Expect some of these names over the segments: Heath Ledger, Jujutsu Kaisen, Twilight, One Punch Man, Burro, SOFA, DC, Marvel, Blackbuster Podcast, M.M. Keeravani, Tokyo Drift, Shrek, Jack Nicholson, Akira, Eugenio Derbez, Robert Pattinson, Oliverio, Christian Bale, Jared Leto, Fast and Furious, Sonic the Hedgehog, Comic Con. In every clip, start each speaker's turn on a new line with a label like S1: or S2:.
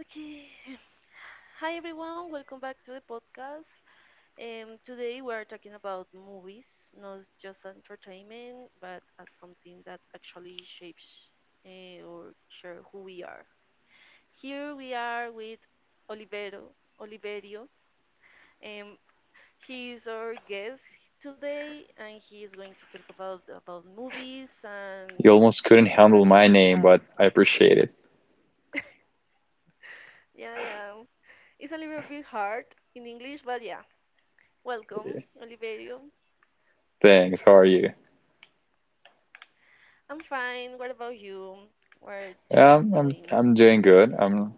S1: Okay. Hi everyone, welcome back to the podcast. Today we are talking about movies, not just entertainment, but as something that actually shapes or share who we are. Here we are with Olivero, Oliverio. Um, he is our guest today, and he is going to talk about movies
S2: You
S1: and
S2: almost couldn't
S1: each
S2: handle my
S1: interaction we
S2: name,
S1: have.
S2: but I appreciate it.
S1: Yeah, yeah, it's a little bit hard in English, but yeah. Welcome, Oliverio.
S2: Thanks. How are you?
S1: I'm fine. What about you? What you been
S2: I'm
S1: doing these
S2: doing
S1: days?
S2: good. I'm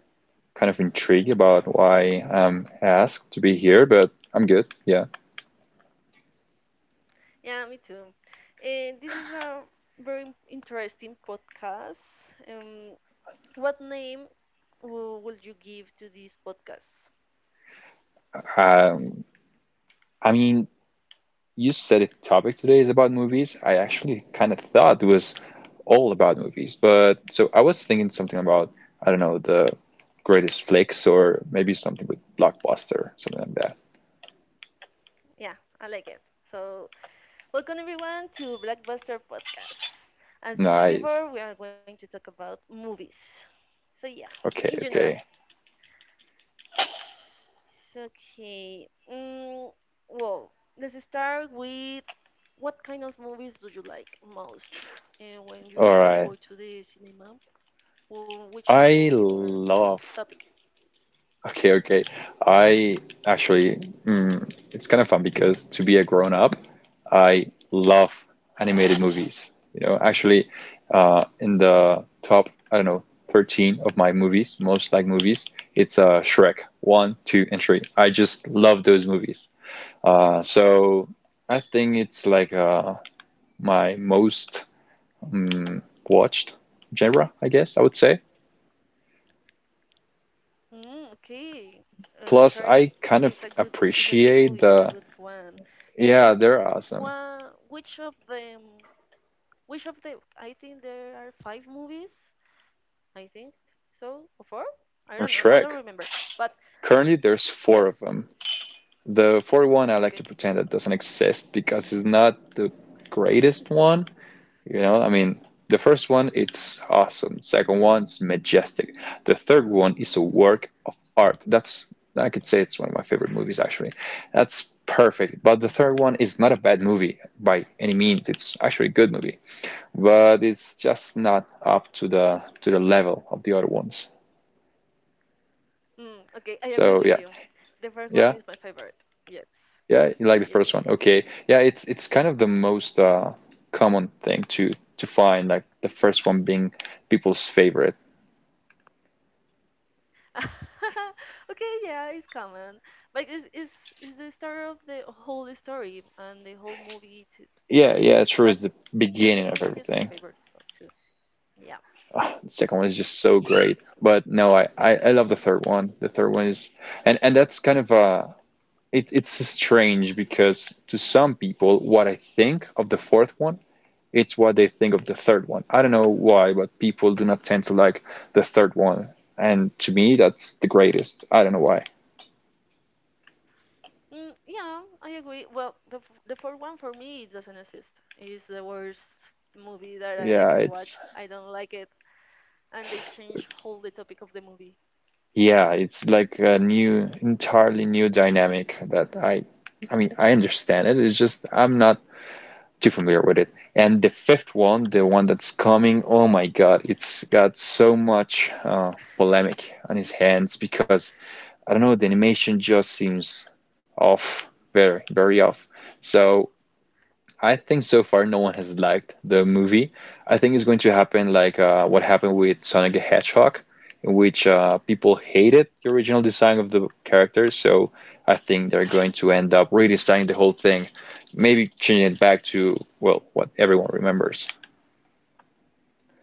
S2: kind of intrigued about why I'm asked to be here, but I'm good. Yeah.
S1: Yeah, me too. And this is a very interesting podcast. Um, what name would you give to this podcast?
S2: Um, I mean, you said it. Topic today is about movies. I actually kind of thought it was all about movies, but so I was thinking something about I don't know the greatest flicks or maybe something with blockbuster, something like that.
S1: Yeah, I like it. So, welcome everyone to Blackbuster Podcast. As you said
S2: Nice.
S1: before, we are going to talk about movies. So yeah, in
S2: Okay.
S1: general.
S2: Okay.
S1: It's okay. Well, let's start with what kind of movies do you like most? And when you
S2: All
S1: usually
S2: right.
S1: go to the cinema, or which
S2: I
S1: movie or
S2: love.
S1: topic?
S2: Okay, okay. I actually, it's kind of fun because to be a grown up, I love animated movies. You know, actually, in the top, I don't know, 13 of my movies, most like movies, it's Shrek 1, 2, and 3. I just love those movies. So I think it's like my most um, watched genre, I guess I would say.
S1: Mm, okay.
S2: Plus,
S1: Shark
S2: I
S1: is a
S2: kind
S1: good
S2: of
S1: movie. It's a
S2: appreciate
S1: good
S2: the.
S1: one. Um,
S2: Yeah, they're awesome.
S1: wha which of them? Which of the? I think there are five movies. I think so. Or four? I don't know.
S2: From
S1: I don't
S2: Shrek.
S1: remember. But
S2: Currently, there's
S1: yes.
S2: four of them. The fourth one, I
S1: Okay.
S2: like to pretend that doesn't exist because it's not the greatest one. You know, I mean, the first one, it's awesome. Second one's majestic. The third one is a work of art. That's, I could say it's one of my favorite movies, actually. That's perfect. But the third one is not a bad movie by any means. It's actually a good movie, but it's just not up to the level of the other ones.
S1: Mm, okay, I agree
S2: So
S1: with
S2: yeah.
S1: you. The first one
S2: Yeah,
S1: is my favorite. Yes.
S2: yeah, you
S1: Yeah,
S2: like the
S1: yeah, yeah,
S2: first one.
S1: yeah,
S2: Okay. Yeah, it's kind of the most common thing to find, like the first one being people's favorite.
S1: yes. Okay, yeah, it's common. But it's the start of the whole story and the whole movie t
S2: Yeah,
S1: topic.
S2: yeah, true
S1: But
S2: is the
S1: the
S2: beginning
S1: second
S2: of
S1: one is my
S2: everything.
S1: favorite, so too. Yeah.
S2: The second one is just
S1: Yeah,
S2: so
S1: yes,
S2: great.
S1: yes.
S2: But no, I love the third one. The third one is, and that's kind of it it's strange because to some people what I think of the fourth one, it's what they think of the third one. I don't know why, but people do not tend to like the third one. And to me, that's the greatest. I don't know why.
S1: Mm, yeah, I agree. Well, the fourth one for me it doesn't exist. It's the worst movie that I ever
S2: Yeah,
S1: watched.
S2: it's,
S1: I don't like it. And they change whole the topic of the movie.
S2: yeah, it's like a new, entirely new dynamic that I mean, I understand it. It's just I'm not too familiar with it. And the fifth one, the one that's coming, oh my God, it's got so much polemic on his hands because I don't know, the animation just seems off, very, very off. So I think so far no one has liked the movie. I think it's going to happen like what happened with Sonic the Hedgehog, in which people hated the original design of the character. So I think they're going to end up redesigning the whole thing, maybe changing it back to well what everyone remembers.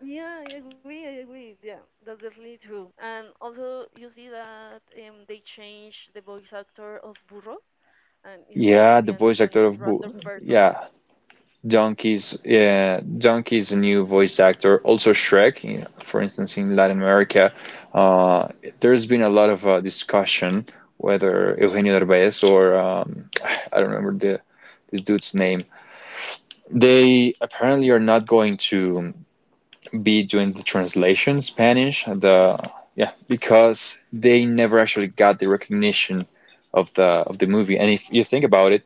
S1: Yeah, I agree. I agree. Yeah, that's definitely true. And also, you see that they changed the voice actor of Burro, and it's going to
S2: Yeah,
S1: be
S2: the voice actor
S1: an
S2: of Boo.
S1: random person.
S2: Yeah, Donkey's a new voice actor. Also Shrek, you know, for instance, in Latin America, uh, there's been a lot of discussion whether Eugenio Derbez or I don't remember the this dude's name. They apparently are not going to be doing the translation in Spanish. The, yeah, because they never actually got the recognition of the movie. And if you think about it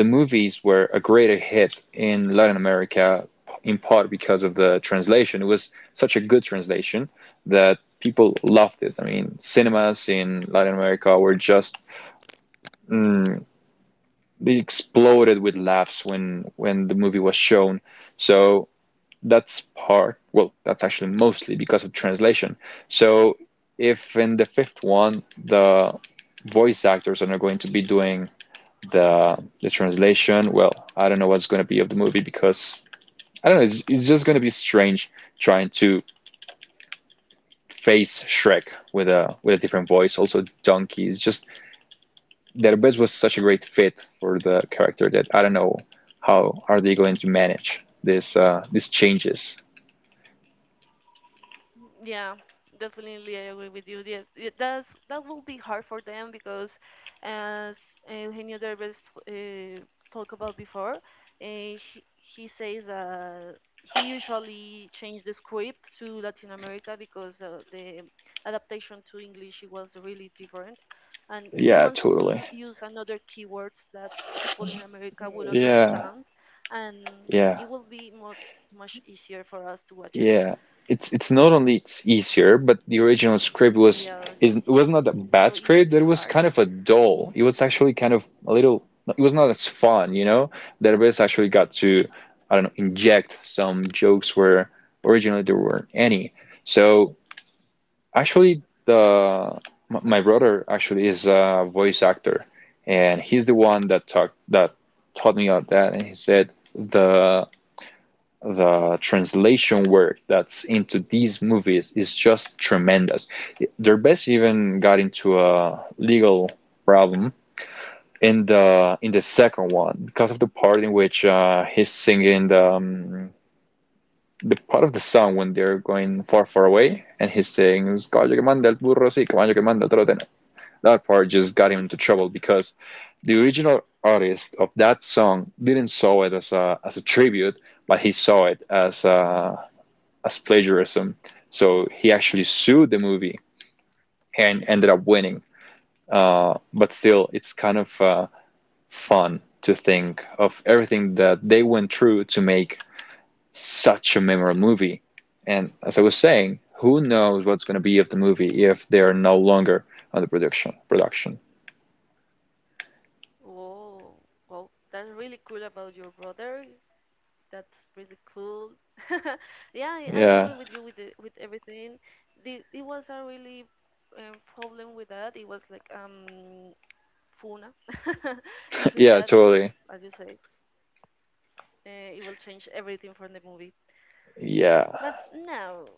S2: the movies were a greater hit in Latin America in part because of the translation. It was such a good translation that people loved it. I mean, cinemas in Latin America were just mm, they exploded with laughs when the movie was shown. So that's part, well, that's actually mostly because of translation. So if in the fifth one the voice actors are not going to be doing the translation. Well, I don't know what's going to be of the movie because I don't know. It's, just going to be strange trying to face Shrek with a different voice. Also, Donkey it's just their best was such a great fit for the character that I don't know how are they going to manage this these changes.
S1: Yeah, definitely, I agree with you. Yes, it does. That will be hard for them because, as Eugenio Derbez uh, talked about before, he says that he usually changed the script to Latin America because the adaptation to English it was really different, and he
S2: Yeah,
S1: wants to
S2: totally.
S1: use another keywords that people in America will
S2: Yeah,
S1: understand, and
S2: yeah.
S1: it will be much easier for us to watch it.
S2: Yeah, it's not only it's easier, but the original script was,
S1: Yes, yes,
S2: is it
S1: yes, yes.
S2: was not
S1: So
S2: a
S1: it won't be
S2: bad
S1: hard.
S2: script. It was kind of a dull. It was actually kind of a little. It was not as fun, you know. Derbez actually got to, I don't know, inject some jokes where originally there weren't any. So actually, the my brother actually is a voice actor, and he's the one that taught me all that, and he said the translation work that's into these movies is just tremendous. Their best even got into a legal problem in the second one because of the part in which he's singing the part of the song when they're going far far away and he sings "Caballo que manda el burro sí, caballo que manda el toro." That part just got him into trouble because the original artist of that song didn't saw it as a tribute, but he saw it as a, as plagiarism. So he actually sued the movie and ended up winning. But still, it's kind of fun to think of everything that they went through to make such a memorable movie. And as I was saying, who knows what's going to be of the movie if they are no longer on the production.
S1: Whoa. Well, that's really cool about your brother. That's really cool. Yeah, I agree
S2: Yeah,
S1: with you with with everything. It was a really problem with that. It was like funa between
S2: yeah,
S1: that because,
S2: totally.
S1: as you say, it will change everything from the movie.
S2: Yeah.
S1: But now,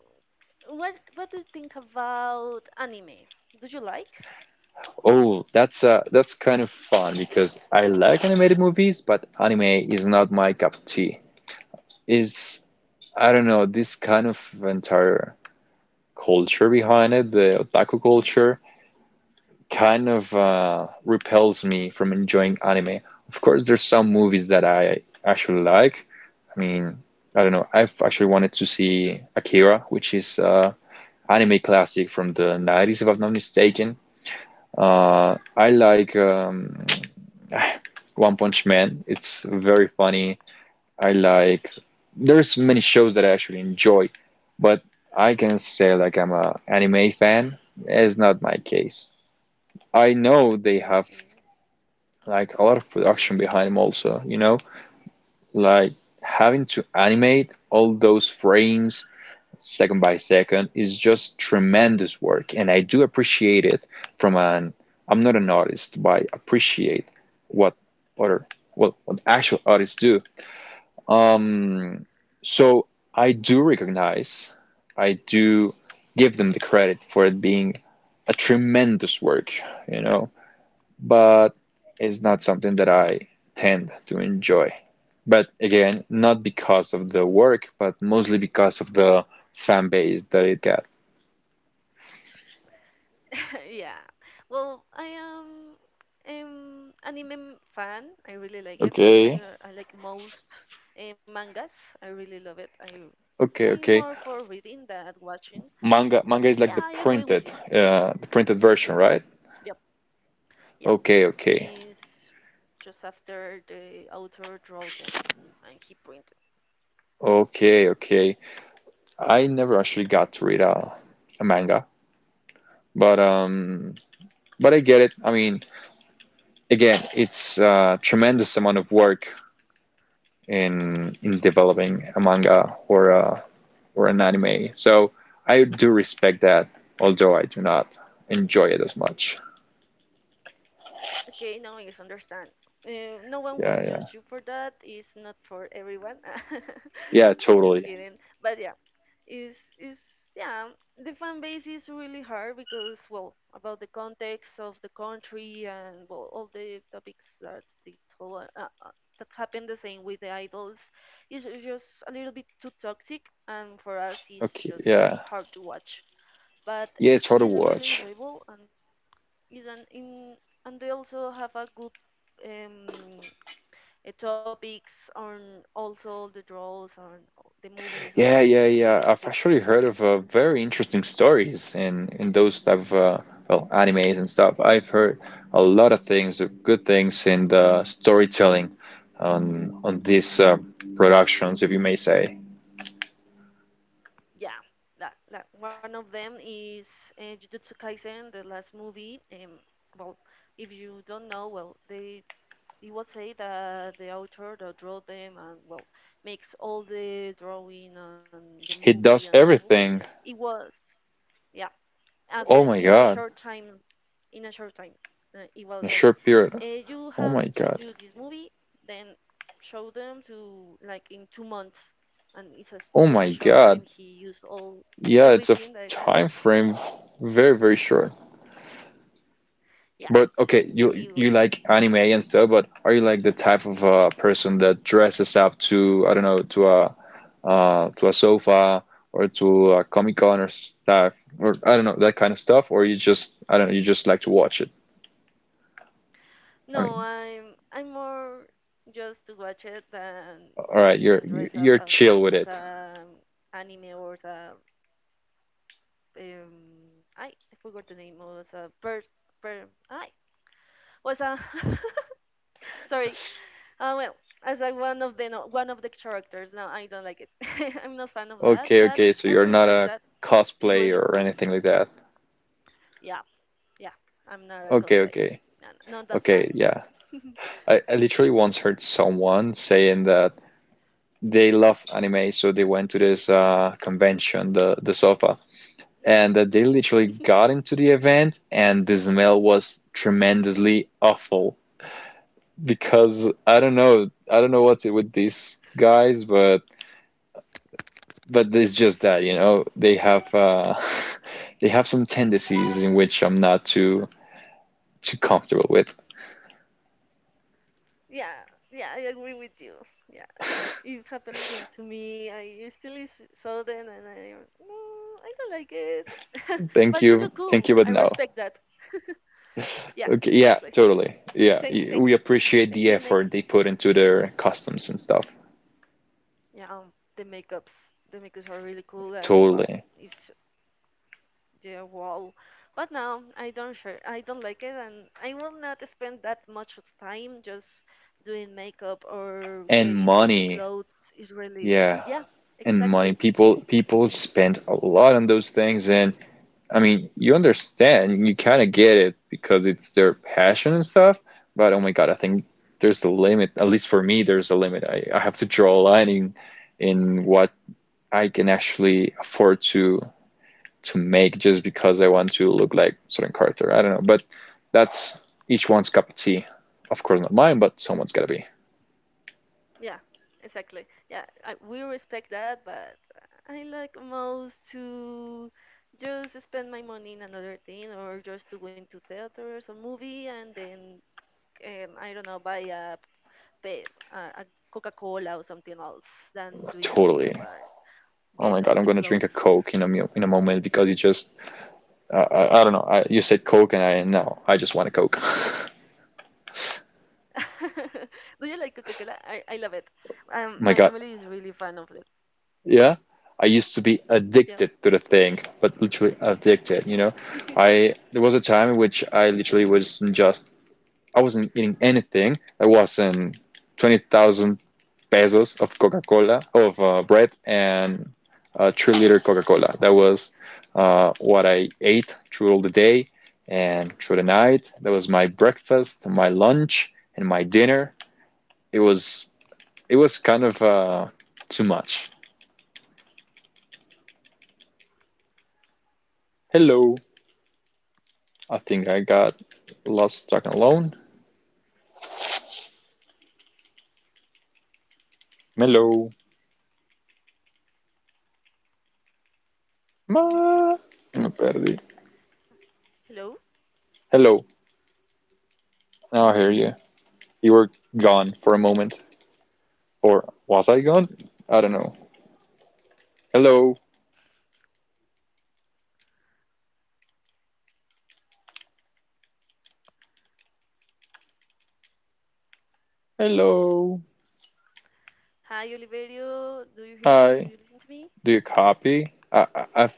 S1: what do you think about anime? Do you like?
S2: Oh, that's kind of fun because I like animated movies, but anime is not my cup of tea. Is, I don't know, this kind of entire culture behind it, the otaku culture, kind of repels me from enjoying anime. Of course, there's some movies that I actually like. I mean, I don't know. I've actually wanted to see Akira, which is anime classic from the 90s, if I'm not mistaken. I like One Punch Man. It's very funny. I like There's many shows that I actually enjoy, but I can say like I'm a anime fan. It's not my case. I know they have like a lot of production behind them also, you know, like having to animate all those frames second by second is just tremendous work, and I do appreciate it from an, I'm not an artist, but I appreciate what other well what actual artists do. Um, so I do recognize, I do give them the credit for it being a tremendous work, you know, but it's not something that I tend to enjoy. But again, not because of the work, but mostly because of the fan base that it got.
S1: Yeah. Well, I am anime fan. I really like it, but
S2: Okay.
S1: I like most mangas. I really love it.
S2: Okay,
S1: I'm more
S2: okay.
S1: for reading than watching. But
S2: Manga is
S1: yeah,
S2: like
S1: I agree with you.
S2: the printed version, right?
S1: Yep. Yeah.
S2: Okay, okay.
S1: Is just after the author draw them and he printed.
S2: Okay, okay. I never actually got to read a manga, but um, but I get it. I mean, again, it's a tremendous amount of work in developing a manga or a, or an anime. So I do respect that, although I do not enjoy it as much.
S1: Okay, now I understand. No one will
S2: Yeah, yeah,
S1: judge you for that. It's not for everyone.
S2: yeah,
S1: Just
S2: totally.
S1: kidding. But yeah, is yeah, the fan base is really hard because well, about the context of the country and well, all the topics that they told that happened the same with the idols is just a little bit too toxic, and for us, it's
S2: Okay,
S1: just too
S2: yeah,
S1: hard to watch. But
S2: yeah, it's hard to
S1: it's really
S2: watch.
S1: enjoyable and is an in and they also have a good. Um, Topics on also the draws on all the movies on the
S2: Yeah, yeah,
S1: history
S2: yeah. I've actually
S1: bit-
S2: heard of very interesting stories in those type of well animes and stuff. I've heard a lot of things, good things in the storytelling on these productions, if you may say.
S1: yeah that, one of them is Jujutsu Kaisen the last movie well if you don't know well they it was say that the author that draw them and well makes all the drawing and the
S2: He
S1: movie and
S2: does
S1: the move
S2: everything.
S1: it was yeah at the
S2: Oh my God,
S1: in a short time it was
S2: in a
S1: like
S2: short period.
S1: you have
S2: Oh my
S1: to do
S2: God.
S1: this movie then show them to like in 2 months and it's a
S2: Oh my
S1: really short
S2: God.
S1: time he used all
S2: Yeah, it's a
S1: everything like that I got
S2: time frame very, very short.
S1: yeah
S2: But okay, you
S1: ew.
S2: like anime and stuff, but are you like the type of person that dresses up to I don't know to a sofa or to a Comic Con or stuff or I don't know that kind of stuff, or you just I don't know you just like to watch it? I
S1: no
S2: mean,
S1: i'm i'm more just to watch it than
S2: all right, you're
S1: being
S2: you're
S1: dressed up
S2: you're
S1: as
S2: chill with it.
S1: a anime or as a um I forgot the name was a per per I was a sorry. Well, as like one of the characters. No, I don't like it. I'm not fan of that,
S2: Okay,
S1: but
S2: okay,
S1: I
S2: so you're not
S1: respect that.
S2: a
S1: It's really
S2: cosplayer or
S1: cool.
S2: anything like that.
S1: Yeah, yeah. I'm not a
S2: Okay,
S1: cosplayer.
S2: okay,
S1: No, no, not that fan.
S2: okay, yeah. I literally once heard someone saying that they love anime, so they went to this convention, the SOFA, and they literally got into the event, and the smell was tremendously awful because I don't know what's it with these guys, but it's just that, you know, they have they have some tendencies in which I'm not too comfortable with.
S1: Yeah, yeah. I agree with you. Yeah, it happened the same to me. I usually saw them, and no, I don't like it. But you look
S2: Thank
S1: cool.
S2: you, but
S1: I
S2: no.
S1: respect that. Yeah,
S2: Okay, yeah,
S1: exactly.
S2: totally. Yeah,
S1: Thanks.
S2: we appreciate
S1: Thank
S2: the
S1: you. Next.
S2: effort they put into their customs and stuff.
S1: Yeah, the makeups. The makeups are really cool, and well,
S2: Totally.
S1: it's the wall. But now I don't sure I don't like it and I will not spend that much of time just doing makeup or
S2: And
S1: getting all the
S2: money,
S1: clothes. It's really
S2: yeah,
S1: yeah,
S2: and money.
S1: exactly.
S2: People spend a lot on those things, and I mean, you understand, you kind of get it because it's their passion and stuff. But oh my God, I think there's a limit. At least for me, there's a limit. I have to draw a line in what I can actually afford to make just because I want to look like certain character. I don't know, but that's each one's cup of tea. Of course, not mine, but someone's gotta be.
S1: Yeah, exactly. Yeah, we respect that, but I like most to just spend my money in another thing or just to go into theaters or movie and then I don't know buy a, pa- a Coca-Cola or something else than doing a
S2: Totally.
S1: makeup. Or,
S2: Oh my
S1: get
S2: God,
S1: all
S2: I'm
S1: the
S2: gonna drink a
S1: clothes.
S2: Coke in a moment because you just I don't know. I, you said Coke and I no, I just want a Coke.
S1: Do you like Coca-Cola? I love it. My
S2: My God,
S1: family is really fan of it.
S2: yeah. I used to be
S1: Yeah.
S2: addicted to the thing, but literally addicted. I there was a time in which I literally was just I wasn't eating anything that wasn't 20,000 pesos of Coca-Cola, of bread, and 3 liter Coca-Cola. That was what I ate through all the day and through the night. That was my breakfast, my lunch, and my dinner. It was it was kind of too much. Hello, I think I got lost talking alone. Hello, ma, me perdí.
S1: Hello.
S2: Hello, now I hear you. You were gone for a moment. Or was I gone? I don't know. Hello. Hello.
S1: Hi, Oliverio. Do you hear me? Do you listen to me?
S2: Hi. Do you copy? I, I've-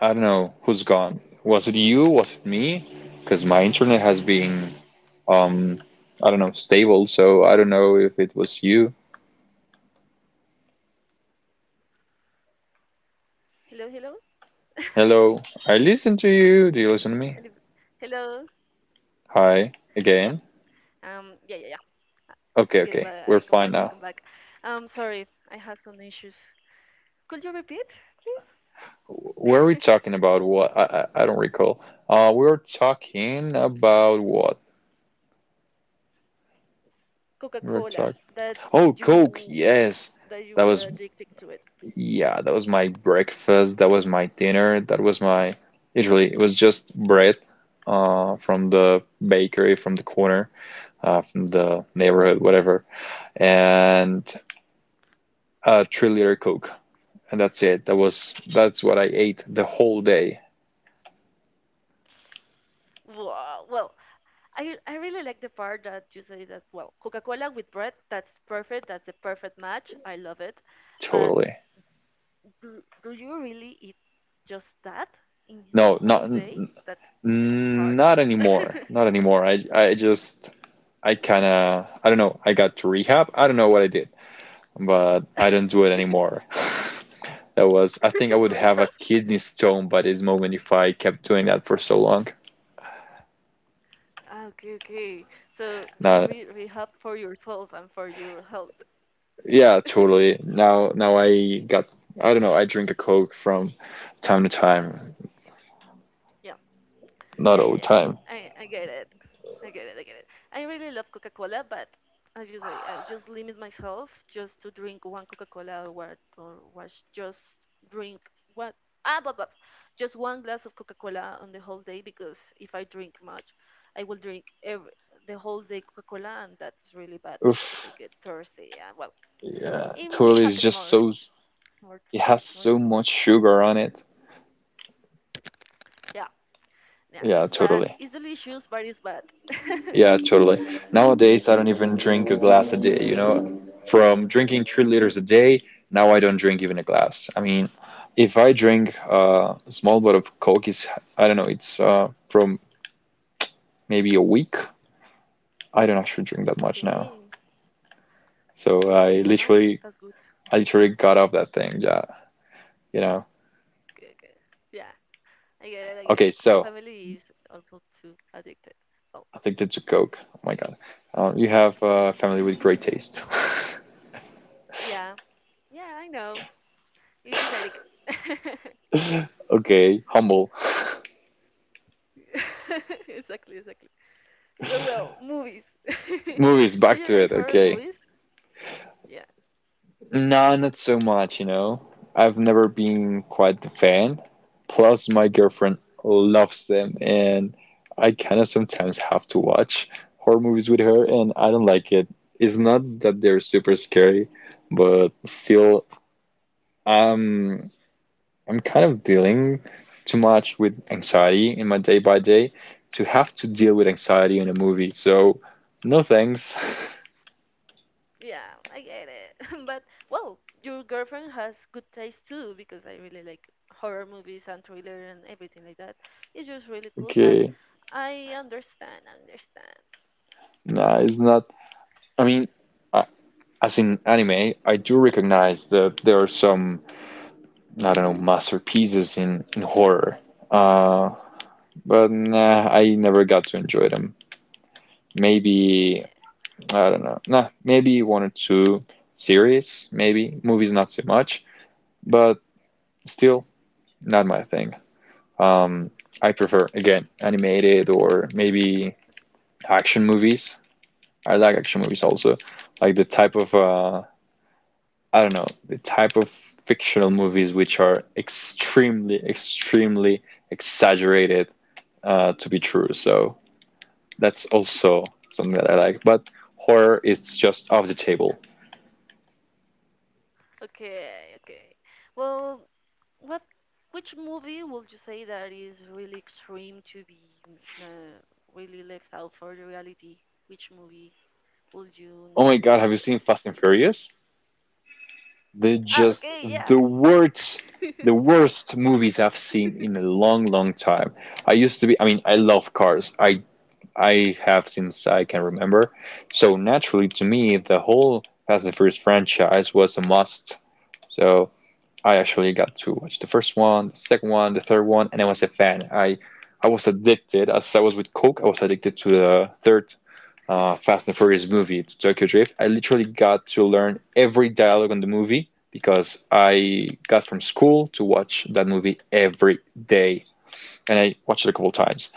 S2: I do not know who's gone. Was it you? Was it me? Because my internet has been, um, I don't know, stable, so I don't know if it was you.
S1: Hello, hello.
S2: Hello. I listen to you. Do you
S1: Oliv-
S2: listen to me?
S1: Hello.
S2: Hi.
S1: Yeah.
S2: Again?
S1: Yeah, yeah, yeah. I get
S2: Okay,
S1: back.
S2: okay. We're
S1: I come
S2: fine
S1: back.
S2: now.
S1: Sorry, I had some issues. Could you repeat, please?
S2: Were we talking about what? I don't recall. We were talking about what?
S1: Coca-Cola
S2: Red Sox.
S1: that
S2: Oh,
S1: you
S2: Coke, yes.
S1: that you were
S2: That was,
S1: addicted to it.
S2: yeah, that was my breakfast. That was my dinner. That was my, literally, it was just bread from the bakery, from the corner, from the neighborhood, whatever, and a 3 liter Coke. And that's it. That was, that's what I ate the whole day.
S1: Wow. Well, I really like the part that you say that well, Coca-Cola with bread, that's perfect. That's a perfect match. I love it. But
S2: Totally.
S1: do you really eat just that in the
S2: No, not,
S1: whole day?
S2: n-
S1: That's like
S2: n-
S1: hard.
S2: not anymore. Not anymore. I just, I kind of, I don't know. I got to rehab. I don't know what I did but I don't do it anymore. That was, I think I would have a
S1: Rehab.
S2: kidney stone by this moment if I kept doing that for so long.
S1: Ah, okay, okay. So do you
S2: Now,
S1: re rehab for yourself and for your health?
S2: yeah, totally. Now, now I got, I don't know, I drink a Coke from time to time,
S1: Yeah.
S2: not
S1: Yeah,
S2: all the
S1: yeah, yeah.
S2: time.
S1: I get it. I get it. I get it. I really love Coca Cola, but I just limit myself just to drink one Coca Cola or what or was just drink what ah but just one glass of Coca Cola on the whole day because if I drink much, I will drink every the whole day Coca Cola and that's really bad
S2: Oof,
S1: because I get thirsty and well,
S2: yeah,
S1: it
S2: totally. It's
S1: happened
S2: just so,
S1: more
S2: it has
S1: more
S2: so
S1: things.
S2: much sugar on it.
S1: Yeah, yeah.
S2: Yeah,
S1: It's bad.
S2: totally.
S1: It's delicious, but it's bad.
S2: Yeah, totally. Nowadays, I don't even drink a glass a day, you know? From drinking 3 liters a day, now I don't drink even a glass. I mean, if I drink a small bottle of Coke, is I don't know, it's from maybe a week. I don't actually drink that much now.
S1: Okay,
S2: So
S1: okay. No, that's good.
S2: I literally got off that thing, yeah, you know?
S1: Okay, okay. Yeah, I get it, I get
S2: Okay,
S1: it. My
S2: so
S1: family is also too addicted. So,
S2: addicted to Coke. Oh my God. You have a family with great taste.
S1: yeah, yeah, I know. It's genetic.
S2: Okay, humble.
S1: Exactly, exactly. So, well, movies.
S2: Movies,
S1: Do
S2: back
S1: you
S2: to
S1: like
S2: it,
S1: horror
S2: okay.
S1: movies? Yeah,
S2: Nah, not so much, you know. I've never been quite the fan. Plus, my girlfriend loves them, and I kind of sometimes have to watch horror movies with her, and I don't like it. It's not that they're super scary, but still, um, I'm kind of dealing too much with anxiety in my day by day to have to deal with anxiety in a movie. So, no thanks.
S1: yeah, I get it. But, well, your girlfriend has good taste too, because I really like horror movies and thriller and everything like that. It's just really cool, but
S2: Okay,
S1: I understand, understand.
S2: nah, it's not. I mean, I, as in anime, I do recognize that there are some, I don't know, masterpieces in horror. Uh, but nah, I never got to enjoy them. Maybe,
S1: Okay,
S2: I don't know, nah, maybe one or two series, maybe. Movies, not so much, but still, not my thing. Um, I prefer, again, animated or maybe action movies. I like action movies also. Like the type of I don't know, the type of fictional movies which are extremely, extremely exaggerated to be true. So that's also something that I like. But horror is just off the table.
S1: okay. Well, what, which movie would you say that is really extreme to be uh, really left out for the reality? Which movie would you
S2: Oh my
S1: name
S2: God, have you
S1: here?
S2: seen Fast and Furious? They're
S1: Ah,
S2: just
S1: okay, yeah.
S2: the worst, the worst movies I've seen in a long, long time. I used to be, I mean, I love cars. I have since I can remember. So naturally, to me, the whole Fast and Furious franchise was a must. So I actually got to watch the first one, the second one, the third one, and I was a fan. I was addicted. As I was with Coke, I was addicted to the third Fast and Furious movie, to Tokyo Drift. I literally got to learn every dialogue on the movie because I got from school to watch that movie every day, and I watched it a couple times.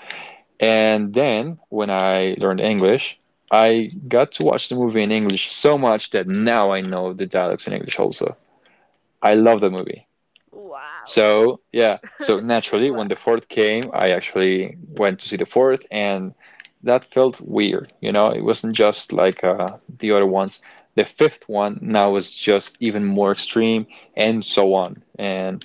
S2: And then when I learned English, I got to watch the movie in English so much that now I know the dialogues in English also. I love that movie.
S1: Wow.
S2: So yeah, so
S1: Wow.
S2: naturally, when the fourth came, I actually went to see the fourth, and that felt weird. You know, it wasn't just like the other ones. The fifth one now is just even more extreme, and so on. And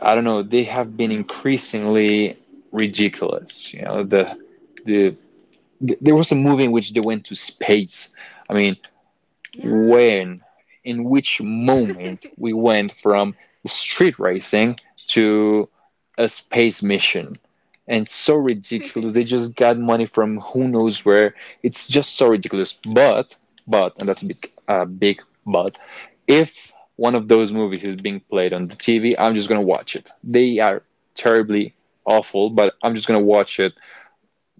S2: I don't know, they have been increasingly ridiculous. You know, the there was a movie in which they went to space. I mean,
S1: Yeah.
S2: when, in which moment we went from street racing to a space mission. And so ridiculous. They just got money from who knows where. It's just so ridiculous. But, and that's a big, big but, if one of those movies is being played on the TV, I'm just gonna watch it. They are terribly awful, but I'm just gonna watch it.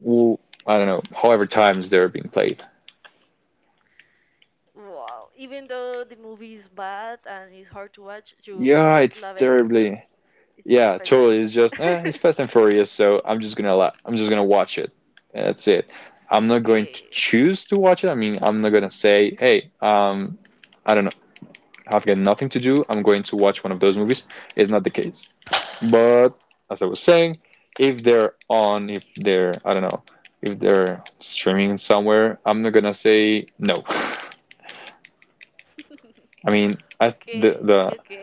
S2: I I don't know, however times they're being played.
S1: Wow. Even though the movie is bad and it's hard to watch, you
S2: Yeah,
S1: just
S2: it's
S1: love it because
S2: terribly.
S1: it's your
S2: Yeah,
S1: favorite.
S2: totally. It's just eh, it's Fast and Furious, so I'm just gonna allow, I'm just gonna watch it. And that's it. I'm not going to
S1: Okay.
S2: choose to watch it. I mean, I'm not gonna say, hey, I don't know, I've got nothing to do. I'm going to watch one of those movies. It's not the case. But as I was saying, if they're on, if they're, I don't know, if they're streaming somewhere, I'm not gonna say no. I mean, I
S1: Okay,
S2: the
S1: okay.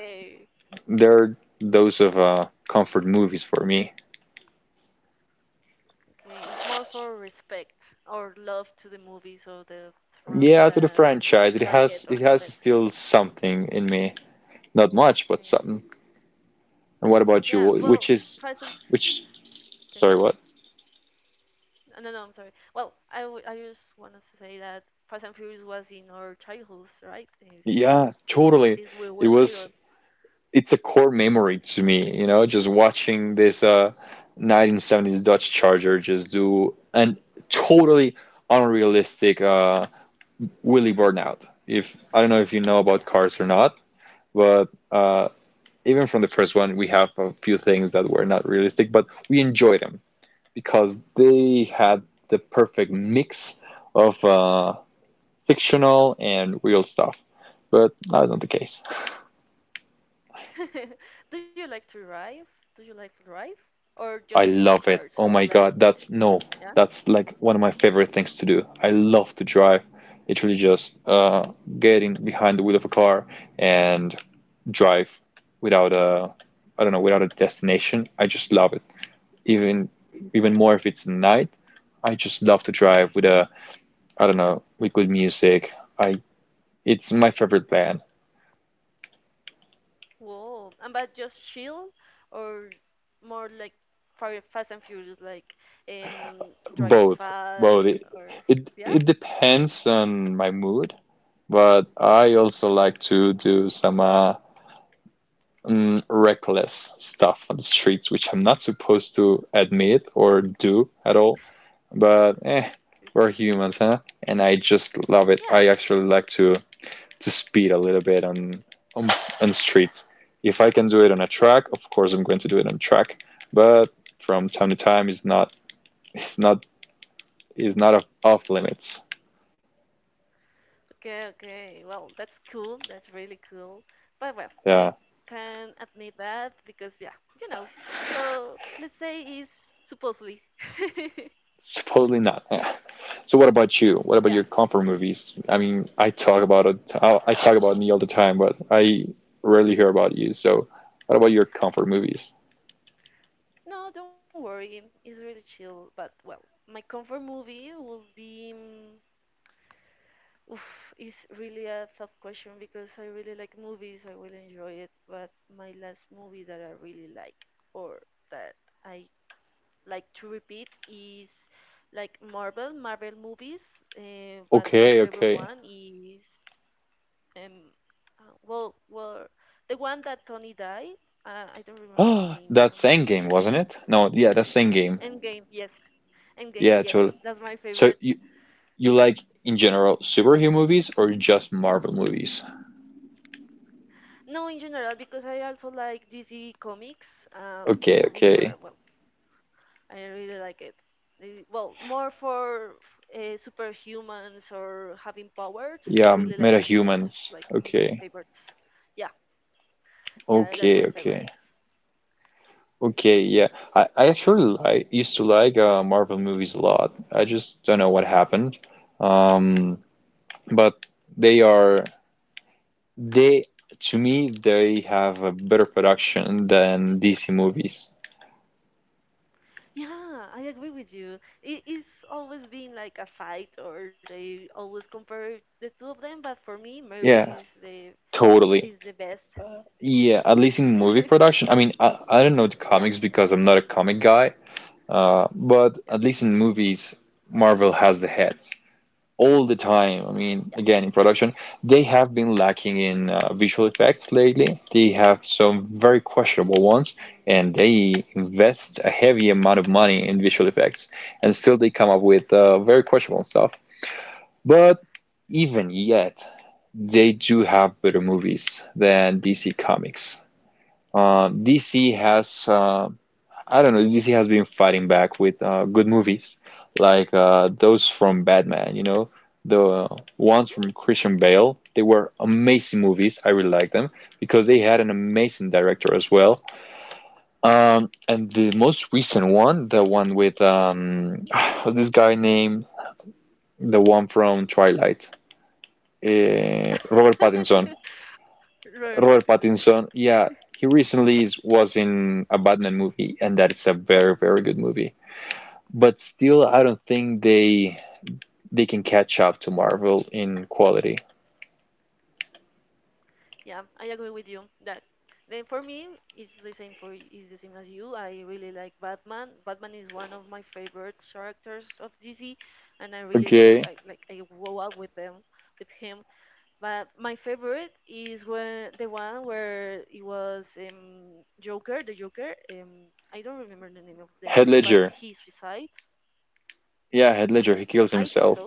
S2: they're those of comfort movies for me.
S1: Okay, it's more for respect or love to the movies or the film
S2: Yeah, to the
S1: than
S2: franchise. It
S1: like it
S2: has
S1: or
S2: it
S1: love
S2: has
S1: it.
S2: still something in me. Not much, but
S1: Okay.
S2: something. And what about you?
S1: Yeah,
S2: Wh-
S1: well,
S2: Which is
S1: Fast and
S2: which
S1: okay.
S2: sorry, what?
S1: No, no, I'm sorry. Well, I just wanted to say that Fast and Furious was in our childhoods, right? It's like
S2: Yeah,
S1: we,
S2: totally.
S1: since we
S2: It
S1: were
S2: was
S1: little.
S2: it's a core memory to me, you know, just watching this 1970s Dodge Charger just do an totally unrealistic wheelie burnout. If I don't know if you know about
S1: Yeah,
S2: cars or not, but even from the first one, we have a few things that were not realistic, but we enjoy them because
S1: yeah.
S2: they had the perfect mix of fictional and real stuff. But that's not the case.
S1: Do you like to drive? Do you like to drive? Or just
S2: I love it.
S1: cars
S2: Oh
S1: or
S2: my
S1: like,
S2: god, that's no,
S1: yeah?
S2: that's like one of my favorite things to do. I love to drive. Literally just getting behind the wheel of a car and drive without a, I don't know, without a destination. I just love it. Even even more if it's night. I just love to drive with a, I don't know, with good music. I It's my favorite band.
S1: Whoa. And but just chill or more like Fast and Furious, like Drive to
S2: Both, both.
S1: Fast
S2: It,
S1: or
S2: it
S1: yeah?
S2: it depends on my mood, but I also like to do some reckless stuff on the streets, which I'm not supposed to admit or do at all. But eh,
S1: Okay.
S2: we're humans, huh? And I just love it. I
S1: Yeah.
S2: actually like to speed a little bit on on on streets. If I can do it on a track, of course I'm going to do it on track. But from time to time, it's not is not off, limits.
S1: Okay, okay. Well, that's cool. That's really cool. But well,
S2: Yeah,
S1: we can admit that because yeah, you know. So let's say it's supposedly.
S2: supposedly not. Yeah. So what about you? What about your
S1: Yeah.
S2: comfort movies? I mean, I talk about it. I talk about me all the time, but I rarely hear about you. So what about your comfort movies?
S1: No, don't worry. It's really chill. But well, my comfort movie will be. Mm, oof, it's really a tough question because I really like movies, I will enjoy it, but my last movie that I really like or that I like to repeat is like Marvel movies, but my
S2: Okay,
S1: favorite
S2: okay.
S1: one is um well the one that Tony died, I don't remember the name.
S2: That same game, wasn't it? No, yeah, that same game.
S1: Endgame, yes. Endgame,
S2: Yeah,
S1: yes.
S2: totally.
S1: That's my
S2: So
S1: favorite.
S2: you like in general superhero movies or just Marvel movies?
S1: No, in general, because I also like DC comics. The
S2: Okay,
S1: movies
S2: okay.
S1: were well, I really like it. The- well, more for superhumans or having powers. I
S2: Yeah,
S1: really like it. It's
S2: metahumans.
S1: like my
S2: Okay.
S1: favorite. Yeah, yeah, that's my
S2: Okay,
S1: favorite.
S2: okay. Okay, yeah. I actually like used to like Marvel movies a lot. I just don't know what happened. Um, but they are they to me they have a better production than DC movies.
S1: Yeah, I agree with you. It's always been like a fight, or they always compare the two of them. But for me, Marvel
S2: Yeah, totally.
S1: is the best.
S2: Yeah, at least in movie production. I mean, I don't know the
S1: Yeah,
S2: comics because I'm not a comic guy. But at
S1: yeah,
S2: least in movies, Marvel has the head. All the time. I
S1: yeah,
S2: mean, again, in production, they have been lacking in visual effects lately. They have some very questionable ones,
S1: mm,
S2: and they invest a heavy amount of money in visual effects, and still they come up with very questionable stuff. But even yet, they do have better movies than DC Comics. DC
S1: yeah.
S2: has I don't know, DC has been fighting back with good movies like those from Batman, you know, the ones from Christian Bale. They were amazing movies. I really like them because they had an amazing director as well. And the most recent one, the one with this guy named the one from Twilight,
S1: Mm.
S2: Robert Pattinson.
S1: Robert
S2: Robert
S1: Pattinson, yes.
S2: Pattinson, yeah, he recently is, was in a Batman movie, and that is a very, very good movie. But still I don't think they can catch up to Marvel in quality.
S1: Yeah, I agree with you that. Then for me, it's the same as you. I really like Batman. Batman is one of my favorite characters of DC, and I really love it.
S2: Okay.
S1: I grow up with with him. But my favorite is when the one where it was Joker, the Joker. I don't remember the name of the
S2: Head
S1: actor, but
S2: Ledger.
S1: he suicide.
S2: Yeah, Head
S1: Yeah,
S2: Ledger, he kills
S1: I think
S2: himself.
S1: so.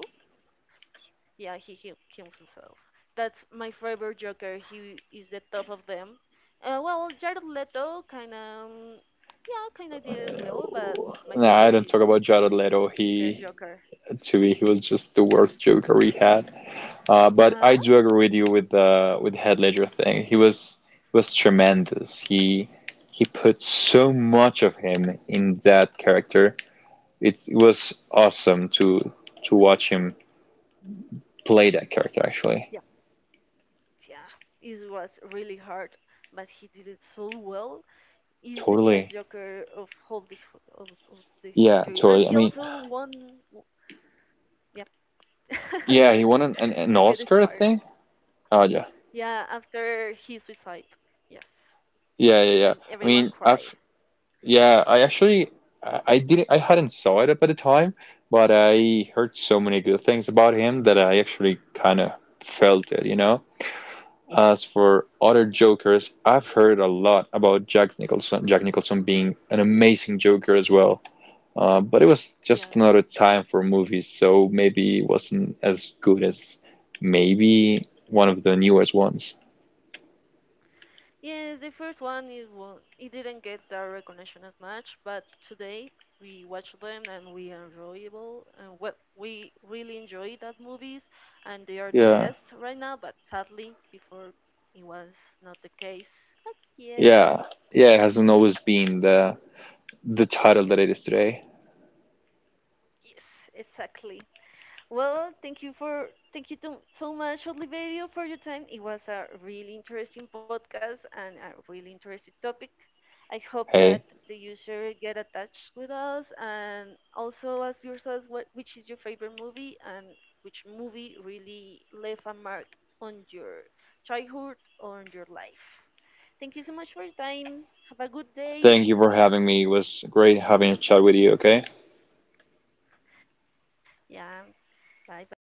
S1: Yeah, he kills himself. That's my favorite Joker. He is the top of them. Well, Jared Leto kind of, yeah, kind of did it well, but
S2: No,
S1: my
S2: I
S1: favorite
S2: don't
S1: is
S2: talk about Jared
S1: the
S2: Leto.
S1: first
S2: He
S1: Joker.
S2: to me he was just the worst Joker we had. But I
S1: Yeah,
S2: do agree with you with the with Head Ledger thing. He was tremendous. He put so much of him in that character. It was awesome to watch him play that character actually.
S1: yeah, yeah. It was really hard, but he did it so well. He's the best
S2: Totally.
S1: Joker of all the of the
S2: Yeah,
S1: history, and he
S2: totally. I mean,
S1: also won. Yeah,
S2: yeah,
S1: sorry,
S2: he won an
S1: I get
S2: Oscar, I
S1: inspired.
S2: think. Oh, yeah.
S1: Yeah, after his suicide. Yes.
S2: Yeah, yeah, yeah.
S1: And
S2: I
S1: everyone
S2: mean, I've,
S1: cried.
S2: yeah, I actually, I didn't, I hadn't saw it up at the time, but I heard so many good things about him that I actually kind of felt it, you know? As for other Jokers, I've heard a lot about Jack Nicholson, Jack Nicholson being an amazing Joker as well. But it was just
S1: Yes.
S2: another time for movies, so maybe it wasn't as good as maybe one of the newest ones.
S1: Yes, the first one it didn't get the recognition as much, but today we watch them and we enjoyable and we really enjoy that movies and they are the
S2: Yeah,
S1: best right now, but sadly before it was not the case. But yes,
S2: yeah, yeah. It hasn't always been the title that it is today.
S1: yes, exactly. Well, thank you for so much, Oliverio, for your time. It was a really interesting podcast and a really interesting topic. I hope that
S2: Hey,
S1: the user get attached with us and also ask yourself what which is your favorite movie and which movie really left a mark on your childhood or on your life. Thank you so much for your time. Have a good day.
S2: thank you for having me. It was great having a chat with you. Okay.
S1: Yeah. Bye bye.